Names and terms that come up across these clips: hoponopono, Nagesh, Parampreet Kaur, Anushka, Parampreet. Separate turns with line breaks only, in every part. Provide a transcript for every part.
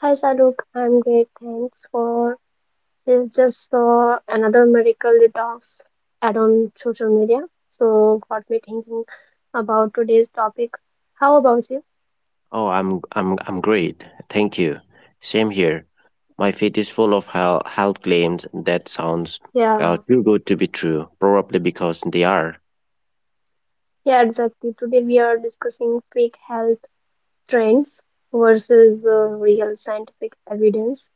Hi Saduk, I'm great. Thanks for this. Just saw another medical detox ad on social media, so got me thinking about today's topic. How about you?
Oh, I'm great. Thank you. Same here. My feed is full of health, health claims that sounds
Yeah,
too good to be true. Probably because they are.
yeah, exactly. Today we are discussing fake health trends versus real scientific evidence.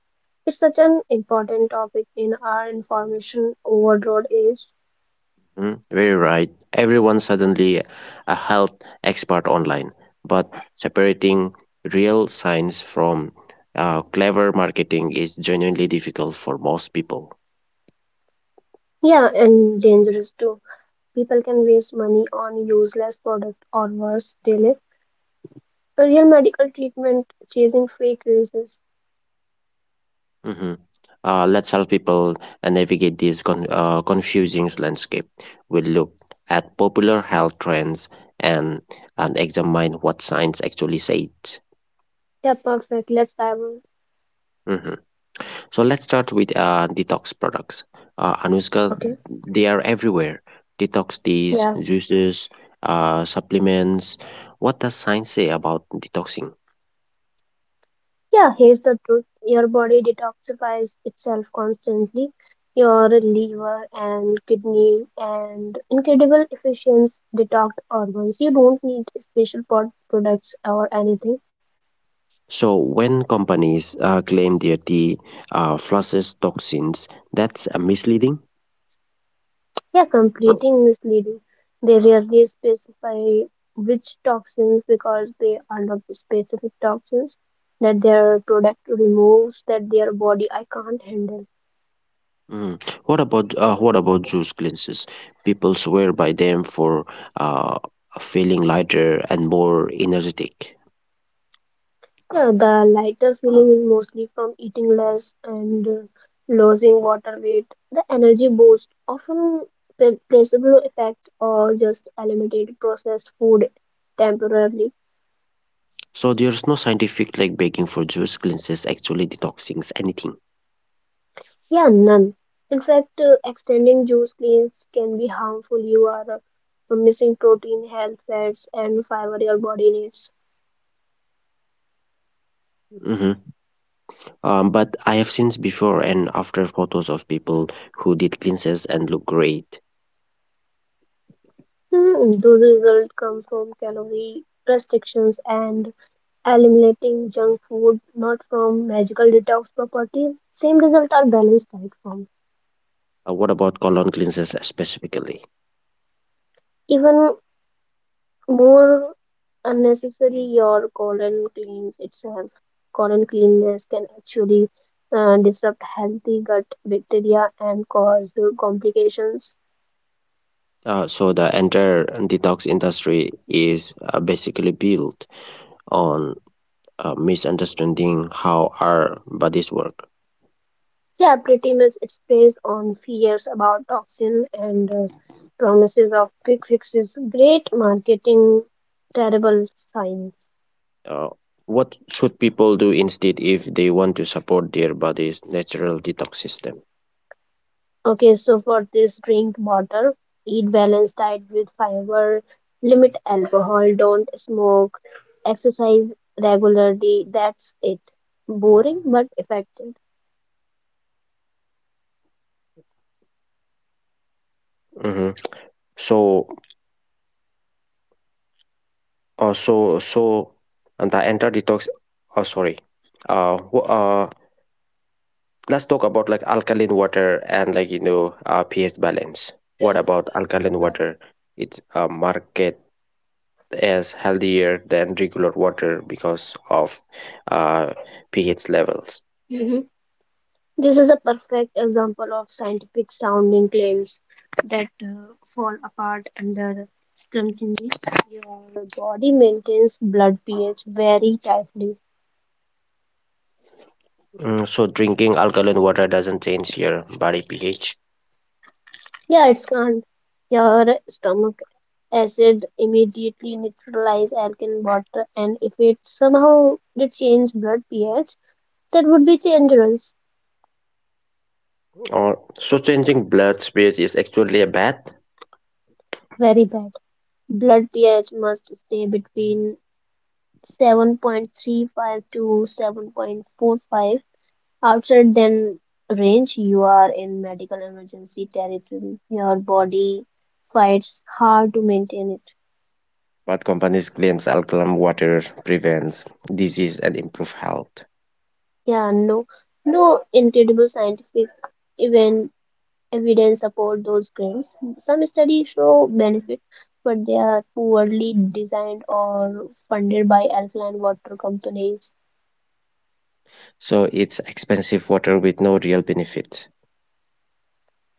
It's such an important topic in our information overload age.
Mhm. Very right. Everyone suddenly a health expert online, but separating real science from clever marketing is genuinely difficult for most people.
Yeah, and dangerous too. People can waste money on useless product or worse, delay A Real medical treatment chasing fake races.
hmm let's help people navigate this confusing landscape. We'll look at popular health trends and, and examine what science actually says.
Yeah, perfect. Let's dive in.
hmm So let's start with detox products. Anushka,
Okay.
they are everywhere. Detox teas,
Yeah.
juices, supplements. What does science say about detoxing?
Yeah, here's the truth. Your body detoxifies itself constantly. Your liver and kidney and incredible efficient detox organs. You don't need special pod products or anything.
So, when companies claim their tea flushes toxins, that's misleading.
Yeah, completing misleading. They rarely specify which toxins because they are not the specific toxins that their product removes that their body I can't handle.
Mm. What about juice cleanses? People swear by them for uh, feeling lighter and more energetic.
Yeah, the lighter feeling is mostly from eating less and losing water weight. The energy boost often placebo effect or just eliminated processed food temporarily.
So there's no scientific like begging for juice cleanses actually detoxings anything.
Yeah, none. In fact, extending juice cleans can be harmful. You are missing protein, health, fats, and fiber your body needs.
hmm but I have seen before and after photos of people who did cleanses and look great.
Hmm, those results come from calorie restrictions and eliminating junk food, not from magical detox properties. Same results are balanced diet form.
What about colon cleanses specifically?
Even more unnecessary, your colon cleans itself. Colon cleanliness can actually disrupt healthy gut bacteria and cause complications.
So the entire detox industry is basically built on misunderstanding how our bodies work.
Yeah, pretty much it's based on fears about toxin and promises of quick fixes. Great marketing, terrible science.
Uh, what should people do instead if they want to support their body's natural detox system?
Okay, so for this, drink water, eat balanced diet with fiber, limit alcohol, don't smoke, exercise regularly. That's it. Boring but effective.
Mm-hmm. So, uh, so, so, and the entire detox. Oh, sorry. Uh, wh- uh, let's talk about like alkaline water and like you know pH balance. What about alkaline water? It's market as healthier than regular water because of uh, pH levels.
hmm This is a perfect example of scientific sounding claims that fall apart under scrutiny. Your body maintains blood pH very tightly.
Mm, so drinking alkaline water doesn't change your body pH.
Yeah, it's gone. Your stomach acid immediately neutralize alkaline water, and if it somehow did change blood pH, that would be dangerous.
Or so changing blood space is actually a bad,
Very bad. Blood pH must stay between 7.35 to 7.45. Outside then range, you are in medical emergency territory. Your body fights hard to maintain it.
but companies claims alkaline water prevents disease and improve health.
Yeah, no, no incredible scientific even evidence support those claims. Some studies show benefit, but they are poorly designed or funded by alkaline water companies.
So it's expensive water with no real benefit.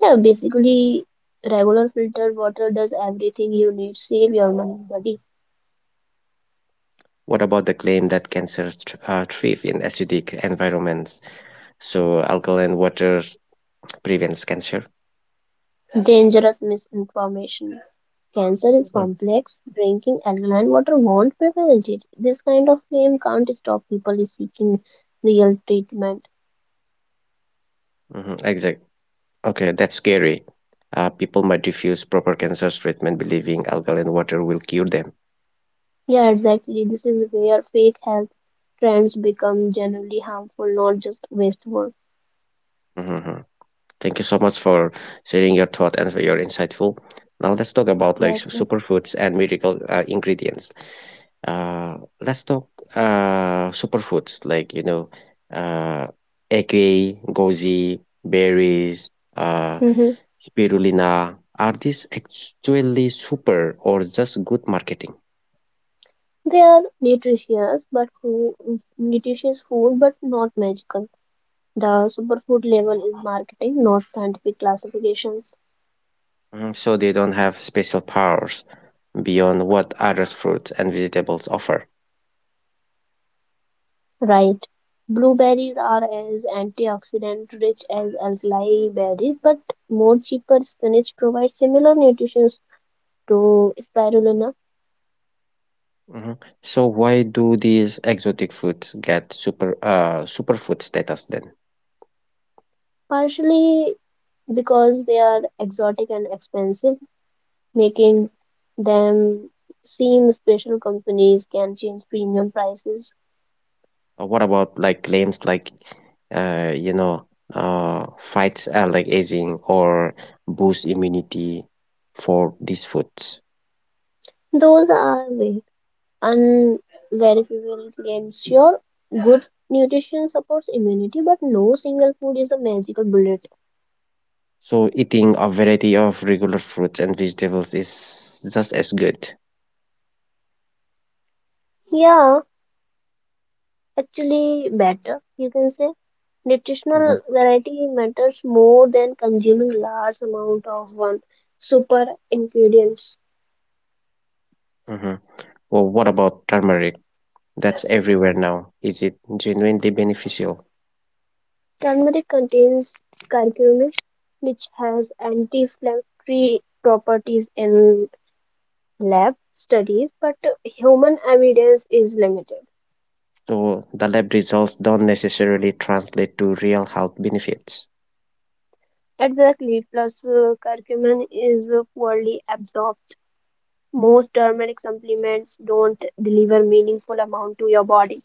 Yeah, basically, regular filtered water does everything you need. Save your money, buddy.
What about the claim that cancer thrive in acidic environments? So alkaline water prevents cancer.
Dangerous misinformation. Cancer is
Mm.
complex. Drinking alkaline water won't prevent it. This kind of claim can't stop people seeking real treatment.
Exact. Okay, that's scary. People might refuse proper cancer treatment, believing alkaline water will cure them.
Yeah, exactly. This is where fake health trends become generally harmful, not just wasteful.
Mhm. Thank you so much for sharing your thought and for your insightful. Now let's talk about like
That's right.
superfoods and miracle ingredients. Let's talk superfoods like you know, uh, eke, goji, berries, uh,
Mm-hmm.
spirulina. Are these actually super or just good marketing?
They are nutritious, but food, nutritious food, but not magical. The superfood level is marketing, not scientific classifications.
Mhm. So they don't have special powers beyond what other fruits and vegetables offer.
Right. Blueberries are as antioxidant rich as alkali berries, but more cheaper spinach provides similar nutrition to spirulina,
Mhm. So why do these exotic foods get superfood status then?
partially because they are exotic and expensive, making them seem special companies can change premium prices.
What about like claims like, uh, you know, fights like aging or boost immunity for these foods?
Those are vague, unverifiable claims. Sure, good nutrition supports immunity, but no single food is a magical bullet.
So eating a variety of regular fruits and vegetables is just as good.
Yeah, actually, better, you can say.
hmm
Nutritional variety matters more than consuming large amount of one super ingredient.
hmm Well, what about turmeric? That's everywhere now. Is it genuinely beneficial?
Turmeric contains curcumin, which has anti-inflammatory properties in lab studies, but human evidence is limited.
So the lab results don't necessarily translate to real health benefits,
Exactly, plus curcumin is poorly absorbed. Most turmeric supplements don't deliver meaningful amount to your body.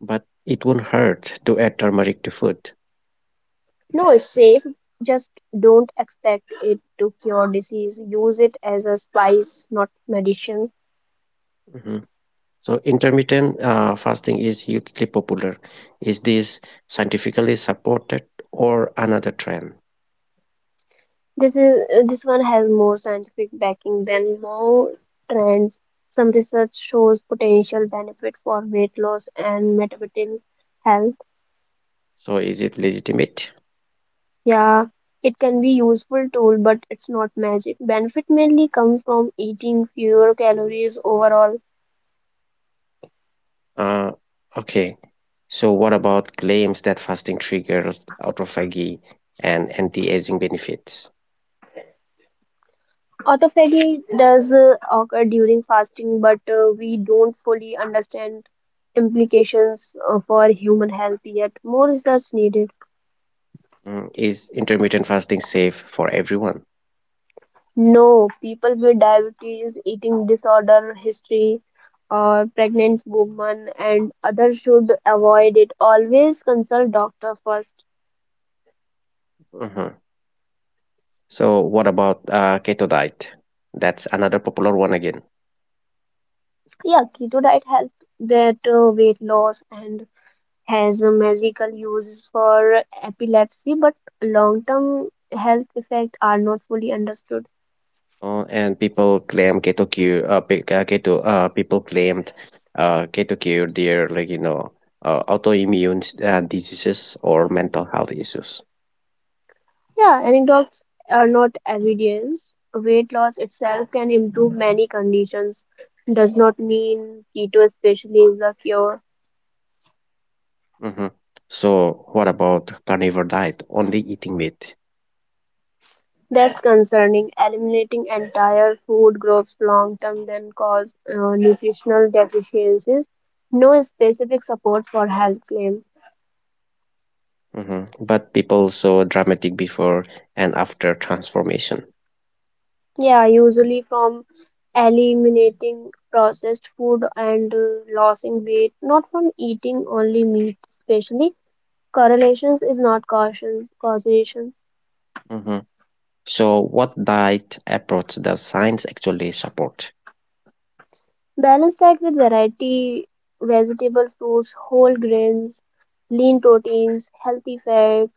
but it won't hurt to add turmeric to food.
No, it's safe. Just don't expect it to cure disease. Use it as a spice, not medicine.
Mhm. So intermittent fasting is hugely popular. Is this scientifically supported or another trend?
This one has more scientific backing than more trends. Some research shows potential benefit for weight loss and metabolic health.
So is it legitimate?
Yeah, it can be useful tool, but it's not magic. Benefit mainly comes from eating fewer calories overall.
Uh, okay. So what about claims that fasting triggers autophagy and anti-aging benefits?
Autophagy does occur during fasting, but we don't fully understand implications for human health yet. More research needed.
Mm. Is intermittent fasting safe for everyone?
No, people with diabetes, eating disorder history, or pregnant women and others should avoid it. Always consult doctor first.
Mhm. So, what about keto diet? That's another popular one again.
Yeah, keto diet helps that weight loss and has a medical uses for epilepsy, but long-term health effects are not fully understood.
And people claim keto cure. Pe- keto. People claimed keto cure their like you know diseases or mental health issues.
Yeah, anecdotes are not evidence. Weight loss itself can improve many conditions. Does not mean keto especially is the cure.
hmm So, what about carnivore diet? Only eating meat.
That's concerning. Eliminating entire food groups long term then cause nutritional deficiencies. No specific support for health claim.
But people saw dramatic before and after transformation.
Yeah, usually from eliminating processed food and losing weight, not from eating only meat, especially. Correlations is not cautions, causation.
hmm So, what diet approach does science actually support?
Balance that with variety, vegetable, fruits, whole grains, lean proteins, healthy fats.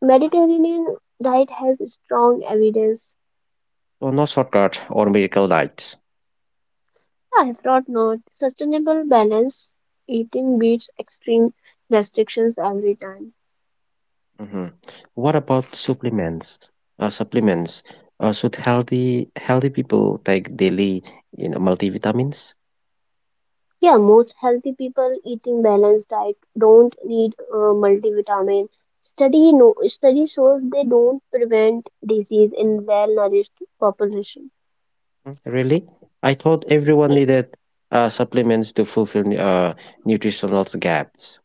Mediterranean diet has strong evidence.
Oh, not shortcut or miracle diets.
I that not sustainable balance eating beats extreme restrictions every time.
hmm What about supplements? Supplements. Should healthy people take daily, you know, multivitamins?
Yeah, most healthy people eating balanced diet don't need multivitamin. Study no study shows they don't prevent disease in well-nourished population.
Mm. Really? I thought everyone needed supplements to fulfill nutritional gaps.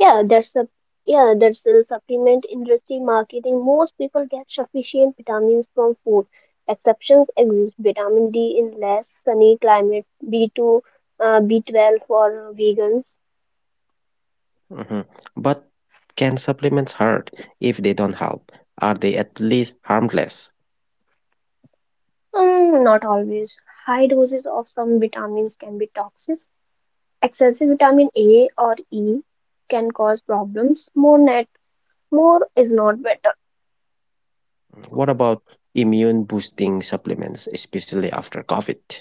Yeah, that's a yeah, that's a supplement industry marketing. Most people get sufficient vitamins from food. Exceptions exist. Vitamin D in less sunny climates, B2, B12 for vegans.
Mhm. But can supplements hurt if they don't help? Are they at least harmless?
Not always. High doses of some vitamins can be toxic. Excessive vitamin A or E can cause problems. More is not better.
What about immune boosting supplements, especially after COVID?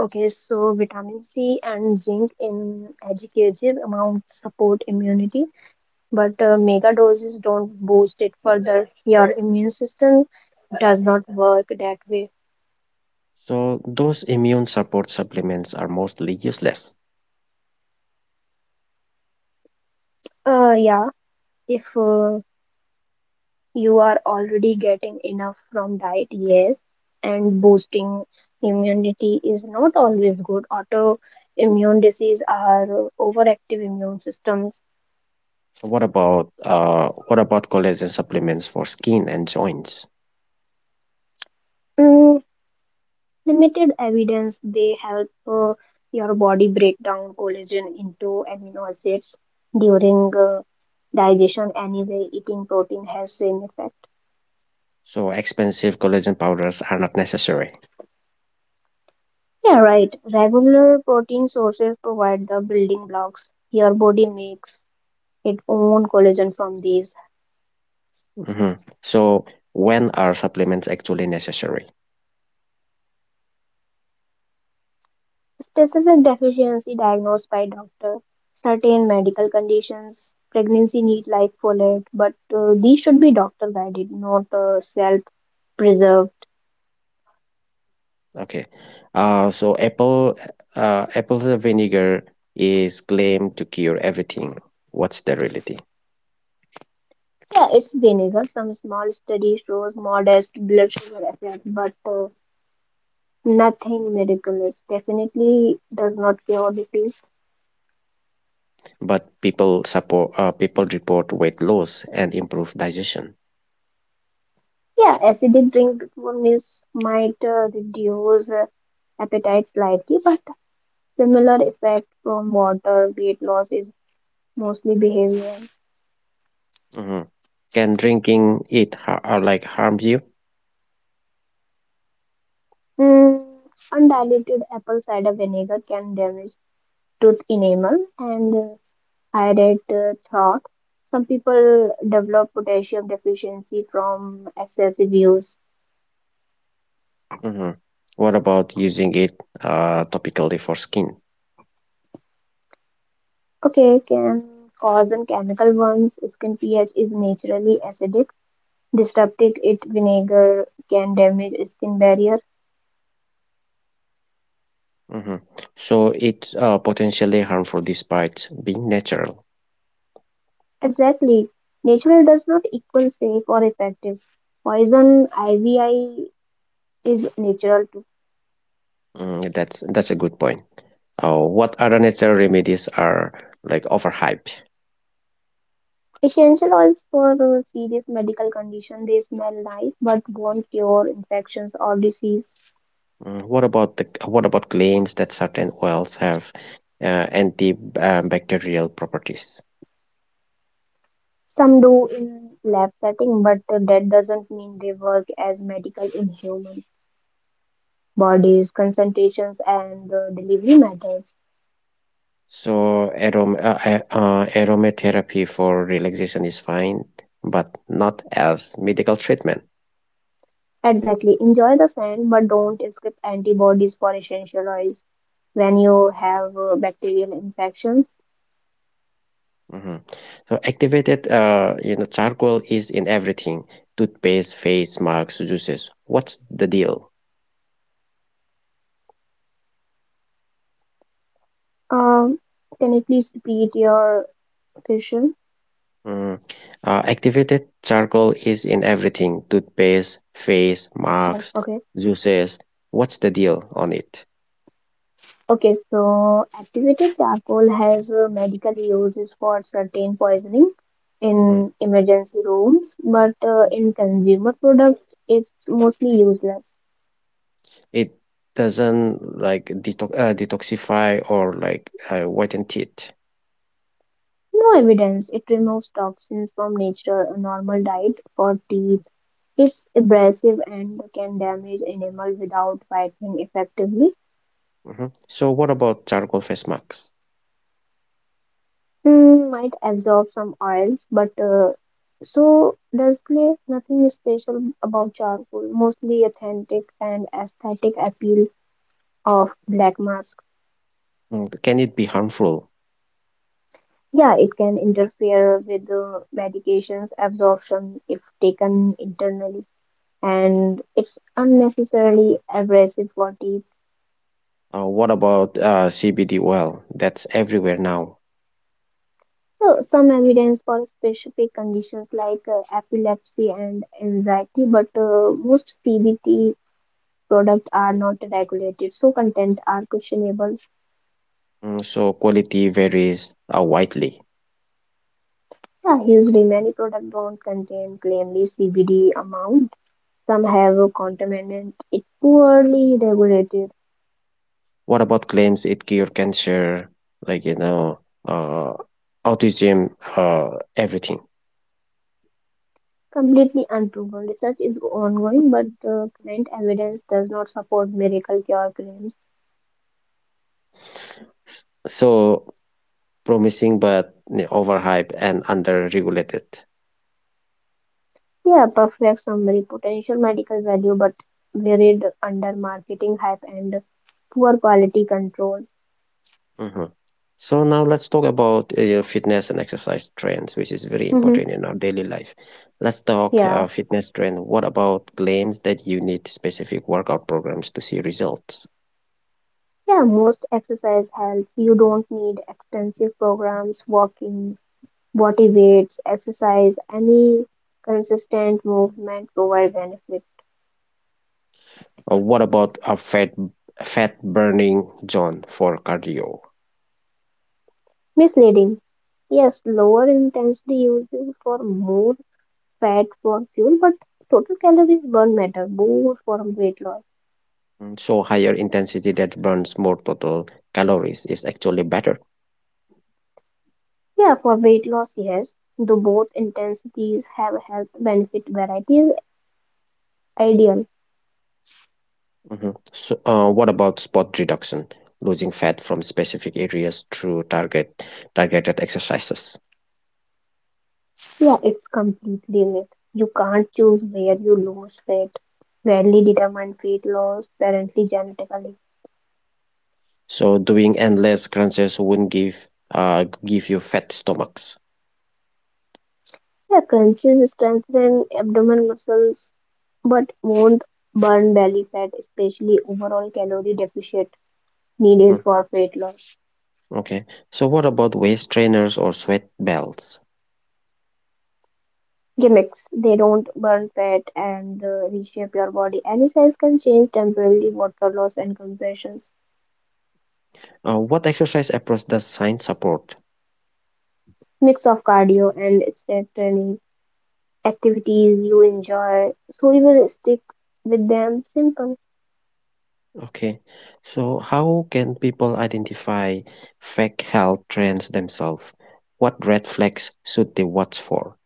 Okay, so vitamin C and zinc in educative amount support immunity but mega doses don't boost it further. Your immune system does not work that way.
So those immune support supplements are mostly useless.
Yeah, if you are already getting enough from diet, yes, and boosting immunity is not always good. Autoimmune disease are overactive immune systems.
What about collagen supplements for skin and joints?
Mm, limited evidence they help your body break down collagen into amino acids during digestion anyway eating protein has same effect.
So expensive collagen powders are not necessary.
Yeah, right, regular protein sources provide the building blocks. Your body makes its own collagen from these
Mhm. So when are supplements actually necessary?
specific deficiency diagnosed by doctor certain medical conditions pregnancy need like folate but these should be doctor guided not self preserved.
Okay. Uh, so apple Apple vinegar is claimed to cure everything. What's the reality?
Yeah, it's vinegar. Some small study shows modest blood sugar effect, but nothing miraculous. Definitely does not cure disease.
But people report weight loss and improved digestion.
Yeah, acidic drink miss might reduce appetite slightly, but similar effect from water weight loss is mostly behavioral.
hmm Can drinking like harm you?
Mm, undiluted apple cider vinegar can damage tooth enamel and iodate throat. Some people develop potassium deficiency from excessive use.
hmm What about using it topically for skin?
Okay, can cause and chemical ones. Skin pH is naturally acidic. Disrupted it vinegar can damage skin barrier.
hmm So it's potentially harmful despite being natural.
Exactly. Natural does not equal safe or effective. Poison IVI is natural too.
Mm, that's a good point. What other natural remedies are like overhyped?
Essential oils for serious medical condition, they smell nice but won't cure infections or disease.
Mm, what about claims that certain oils have antibacterial properties?
Some do in lab setting, but that doesn't mean they work as medical in human bodies, concentrations, and delivery methods.
So aromatherapy for relaxation is fine, but not as medical treatment.
Exactly. Enjoy the scent, but don't skip antibodies for essential oils when you have bacterial infections.
Mhm. So activated, you know, charcoal is in everything: toothpaste, face masks, juices. What's the deal?
Um, can you please repeat your question?
Mm. Activated charcoal is in everything: toothpaste, face
Oh,
masks,
okay.
juices. What's the deal on it?
Okay, so activated charcoal has medical uses for certain poisoning
Mm.
in emergency rooms, but in consumer products, it's mostly useless.
It doesn't like detoxify or like whiten teeth.
No evidence. It removes toxins from nature, a normal diet for teeth. It's abrasive and can damage enamel without whitening effectively.
So, what about charcoal face masks?
Mm, might absorb some oils, but so does clay. Nothing special about charcoal, mostly authentic and aesthetic appeal of black mask.
Mm. Can it be harmful?
Yeah, it can interfere with medications absorption if taken internally, and it's unnecessarily abrasive for teeth.
What about CBD oil? That's everywhere now.
So, some evidence for specific conditions like epilepsy and anxiety, but most CBT products are not regulated, so content are questionable.
Mm, so, quality varies widely.
Yeah, usually many products don't contain clearly CBD amount. Some have a contaminant. It's poorly regulated,
What about claims it cure cancer, like, you know, uh, autism, everything?
completely unproven. Research is ongoing, but current evidence does not support miracle cure claims.
So, promising but you know, overhyped and under regulated.
Yeah, perfect summary, potential medical value, but buried under marketing hype and poor quality control.
Mhm. So now let's talk about your fitness and exercise trends, which is very
hmm
important in our daily life. Let's talk
Yeah.
fitness trend. What about claims that you need specific workout programs to see results?
Yeah, most exercise helps. You don't need expensive programs, walking, body weights, exercise, any consistent movement provide benefit.
What about a fat burning zone for cardio?
Misleading. Yes, lower intensity using for more fat for fuel, but total calories burn matter more for weight loss.
Mm. So higher intensity that burns more total calories is actually better.
Yeah, for weight loss, yes, the both intensities have health benefit variety is ideal.
Mhm. So, what about spot reduction? Losing fat from specific areas through targeted exercises.
Yeah, it's completely myth. You can't choose where you lose weight. Rarely determined weight loss, apparently genetically.
So doing endless crunches won't give give you fat stomachs.
Yeah, crunches strengthen abdomen muscles, but won't burn belly fat, especially overall calorie deficit needed
Mhm.
for weight loss.
Okay. So what about waist trainers or sweat belts?
Gimmicks, they don't burn fat and reshape your body. Any size can change temporarily water loss and compressions.
What exercise approach does science support?
Mix of cardio and strength training activities you enjoy. So we will stick with them simple.
Okay. So, how can people identify fake health trends themselves? What red flags should they watch for?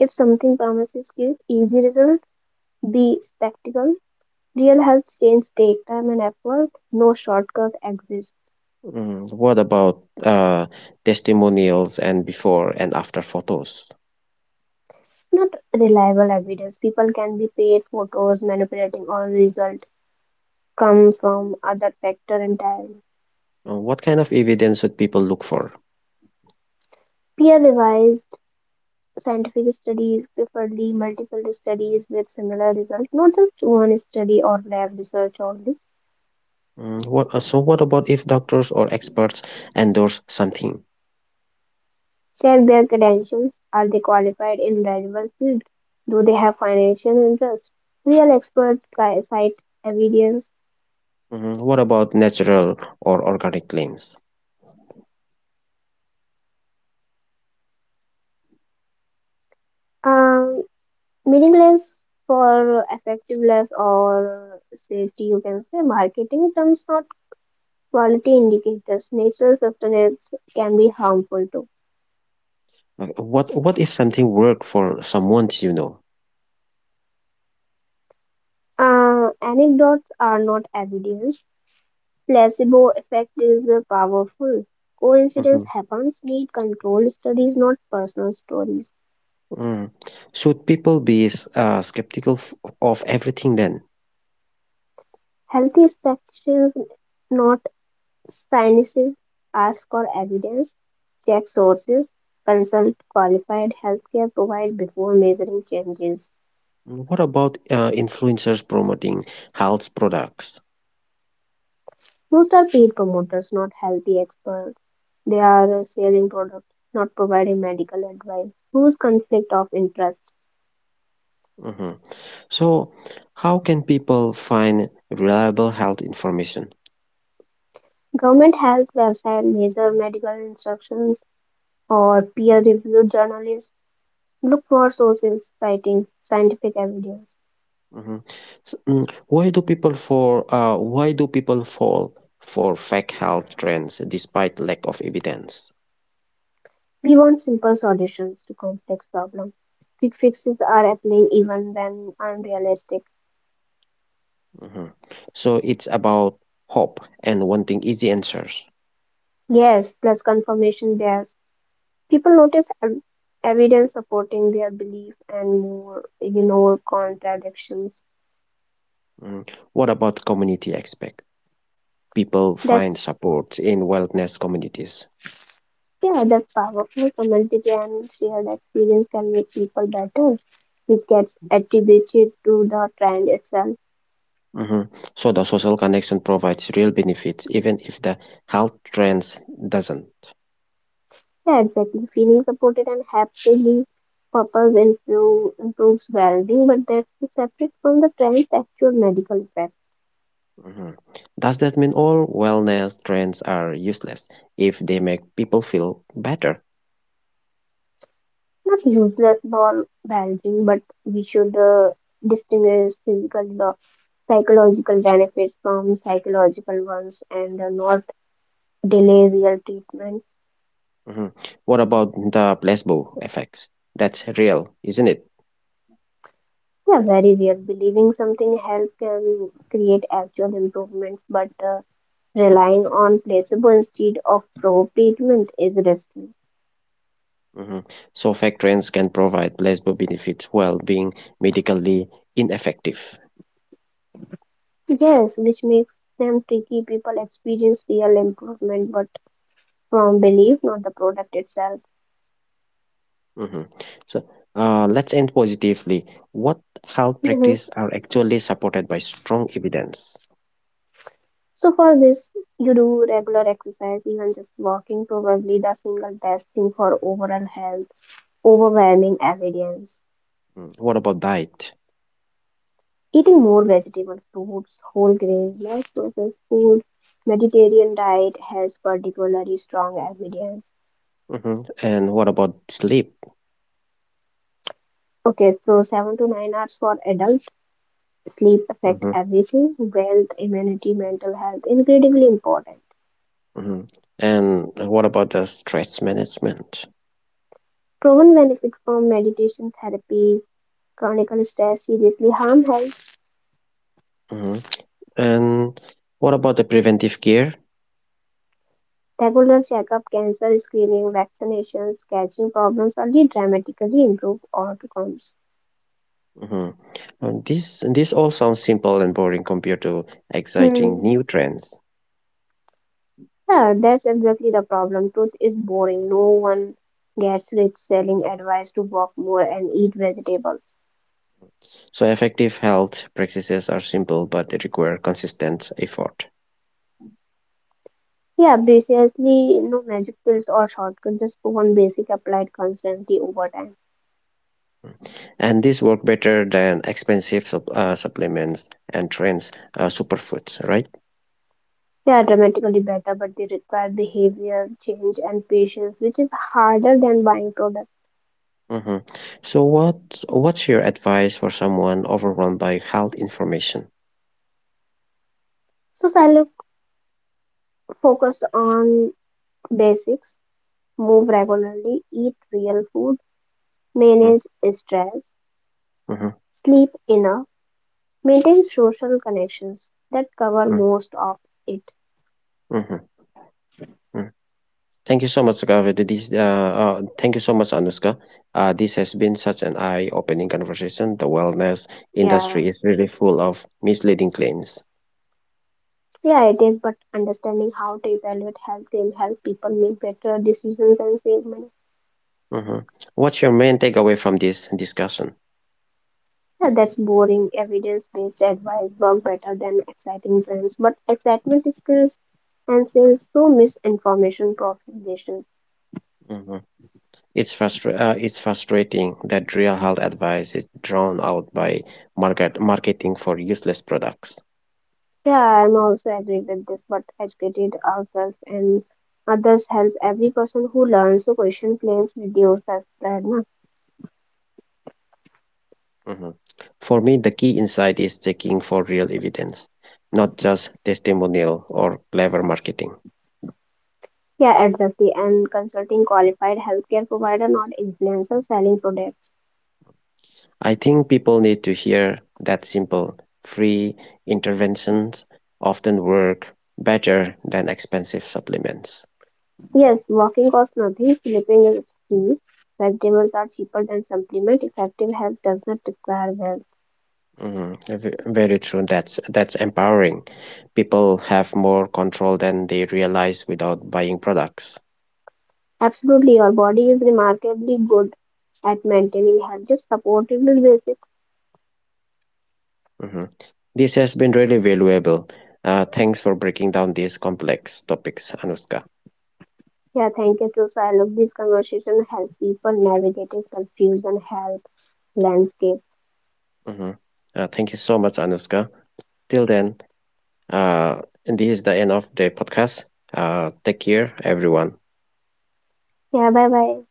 If something promises quick, easy result, be spectacle. Real health change take time and effort. No shortcut exists.
Mm, what about testimonials and before and after photos?
Not reliable evidence. People can be paid photos manipulating all result come from other factor entirely.
What kind of evidence should people look for?
Peer revised scientific studies, preferably multiple studies with similar results, not just one study or lab research only.
Mm, what about if doctors or experts endorse something?
Check their credentials. Are they qualified in relevant field? Do they have financial interest? Real experts cite evidence.
Mhm. What about natural or organic claims?
Um, Meaningless for effectiveness or safety, you can say. Marketing terms, not quality indicators. Natural sustenance can be harmful too.
Like, what if something worked for someone you know?
Anecdotes are not evidence. Placebo effect is powerful. Coincidence
Mhm.
happens. Need controlled studies, not personal stories.
Mm. Should people be skeptical of everything then?
Healthy expectations, not cynicism. Ask for evidence, check sources, consult qualified healthcare providers before measuring changes.
Mm. What about influencers promoting health products?
Most are paid promoters, not healthy experts. They are selling products, not providing medical advice. Whose conflict of interest?
Mhm. So, how can people find reliable health information?
Government health website major medical instructions or peer-reviewed journalists. Look for sources citing scientific evidence.
Mhm. Why do people fall for fake health trends despite lack of evidence?
We want simple solutions to complex problems. Quick fixes are appealing even when unrealistic.
Mhm. So it's about hope and wanting easy answers.
Yes, plus confirmation bias. People notice evidence supporting their belief and more ignore contradictions.
Mhm. What about community aspect? People find
That's
supports in wellness communities.
yeah, that's powerful. Community and shared experience can make people better, which gets attributed to the trend itself.
Mhm. So the social connection provides real benefits, even if the health trends doesn't.
Yeah, exactly. Feeling supported and happily purpose improves well-being, but that's separate from the trend's actual medical effect.
Mhm. Does that mean all wellness trends are useless if they make people feel better?
Not useless ball balancing, but we should distinguish physical, psychological benefits from psychological ones and not delay real treatment.
Mhm. What about the placebo effects? That's real, isn't it?
Yeah, very real. Believing something help can create actual improvements, but relying on placebo instead of pro treatment is risky.
Mhm. So, fake trends can provide placebo benefits while being medically ineffective.
Yes, which makes them tricky. People experience real improvement, but from belief, not the product itself.
Mhm. So let's end positively. What health
hmm
practice are actually supported by strong evidence?
So for this, you do regular exercise, even just walking, probably the single best thing for overall health. Overwhelming evidence.
Mm. What about diet?
Eating more vegetable, fruits, whole grains, less processed food, Mediterranean diet has particularly strong evidence.
And what about sleep?
Okay, so 7 to 9 hours for adults sleep affect
hmm
everything wealth immunity mental health incredibly important
hmm And what about the stress management?
proven benefits from meditation therapy chronic stress seriously harm health
hmm And what about the preventive care?
regular checkup cancer screening vaccinations catching problems only dramatically improve outcomes.
hmm this all sounds simple and boring compared to exciting
Hmm.
new trends.
Yeah, that's exactly the problem. Truth is boring, no one gets rich selling advice to walk more and eat vegetables.
So effective health practices are simple, but they require consistent effort.
Yeah, precisely, no magic pills or shortcuts, just one basic applied constantly over time.
And these work better than expensive supplements and trends superfoods, right?
They are dramatically better, but they require behavior change and patience, which is harder than buying products.
hmm so what's your advice for someone overwhelmed by health information?
So Silo focused on basics, move regularly, eat real food,
Mm.
manage stress,
Mm-hmm.
sleep enough, maintain social connections that cover
Mm.
most of it.
Mm-hmm. Mm. Thank you so much, Gavi. This Thank you so much, Anuska. Uh, this has been such an eye-opening conversation. The wellness industry
Yeah,
is really full of misleading claims.
yeah, it is, but understanding how to evaluate health can help people make better decisions and save money.
hmm what's your main takeaway from this discussion?
Yeah, that's boring, evidence-based advice work better than exciting trends, but excitement skills and sales so misinformation propagation.
Mhm. It's, it's frustrating that real health advice is drowned out by marketing for useless products.
Yeah, I'm also agree with this, but educated ourselves and others help every person who learns to question claims reduce as spread. Na?
Mhm. For me, the key insight is checking for real evidence, not just testimonial or clever marketing.
Yeah, exactly. And consulting qualified healthcare provider, not influencer selling products.
I think people need to hear that simple, free interventions often work better than expensive supplements.
Yes, walking costs nothing, sleeping is free. Vegetables are cheaper than supplement. Effective health does not require wealth.
Mm, very true. That's empowering. People have more control than they realize without buying products.
Absolutely, your body is remarkably good at maintaining health. Just support it with basics.
Mhm. This has been really valuable. Thanks for breaking down these complex topics, Anuska.
Yeah, thank you, Tusa. I love this conversation. Help people navigating confusion, health landscape.
Mhm. Thank you so much, Anuska. Till then. Uh, and this is the end of the podcast. Take care, everyone.
Yeah, bye bye.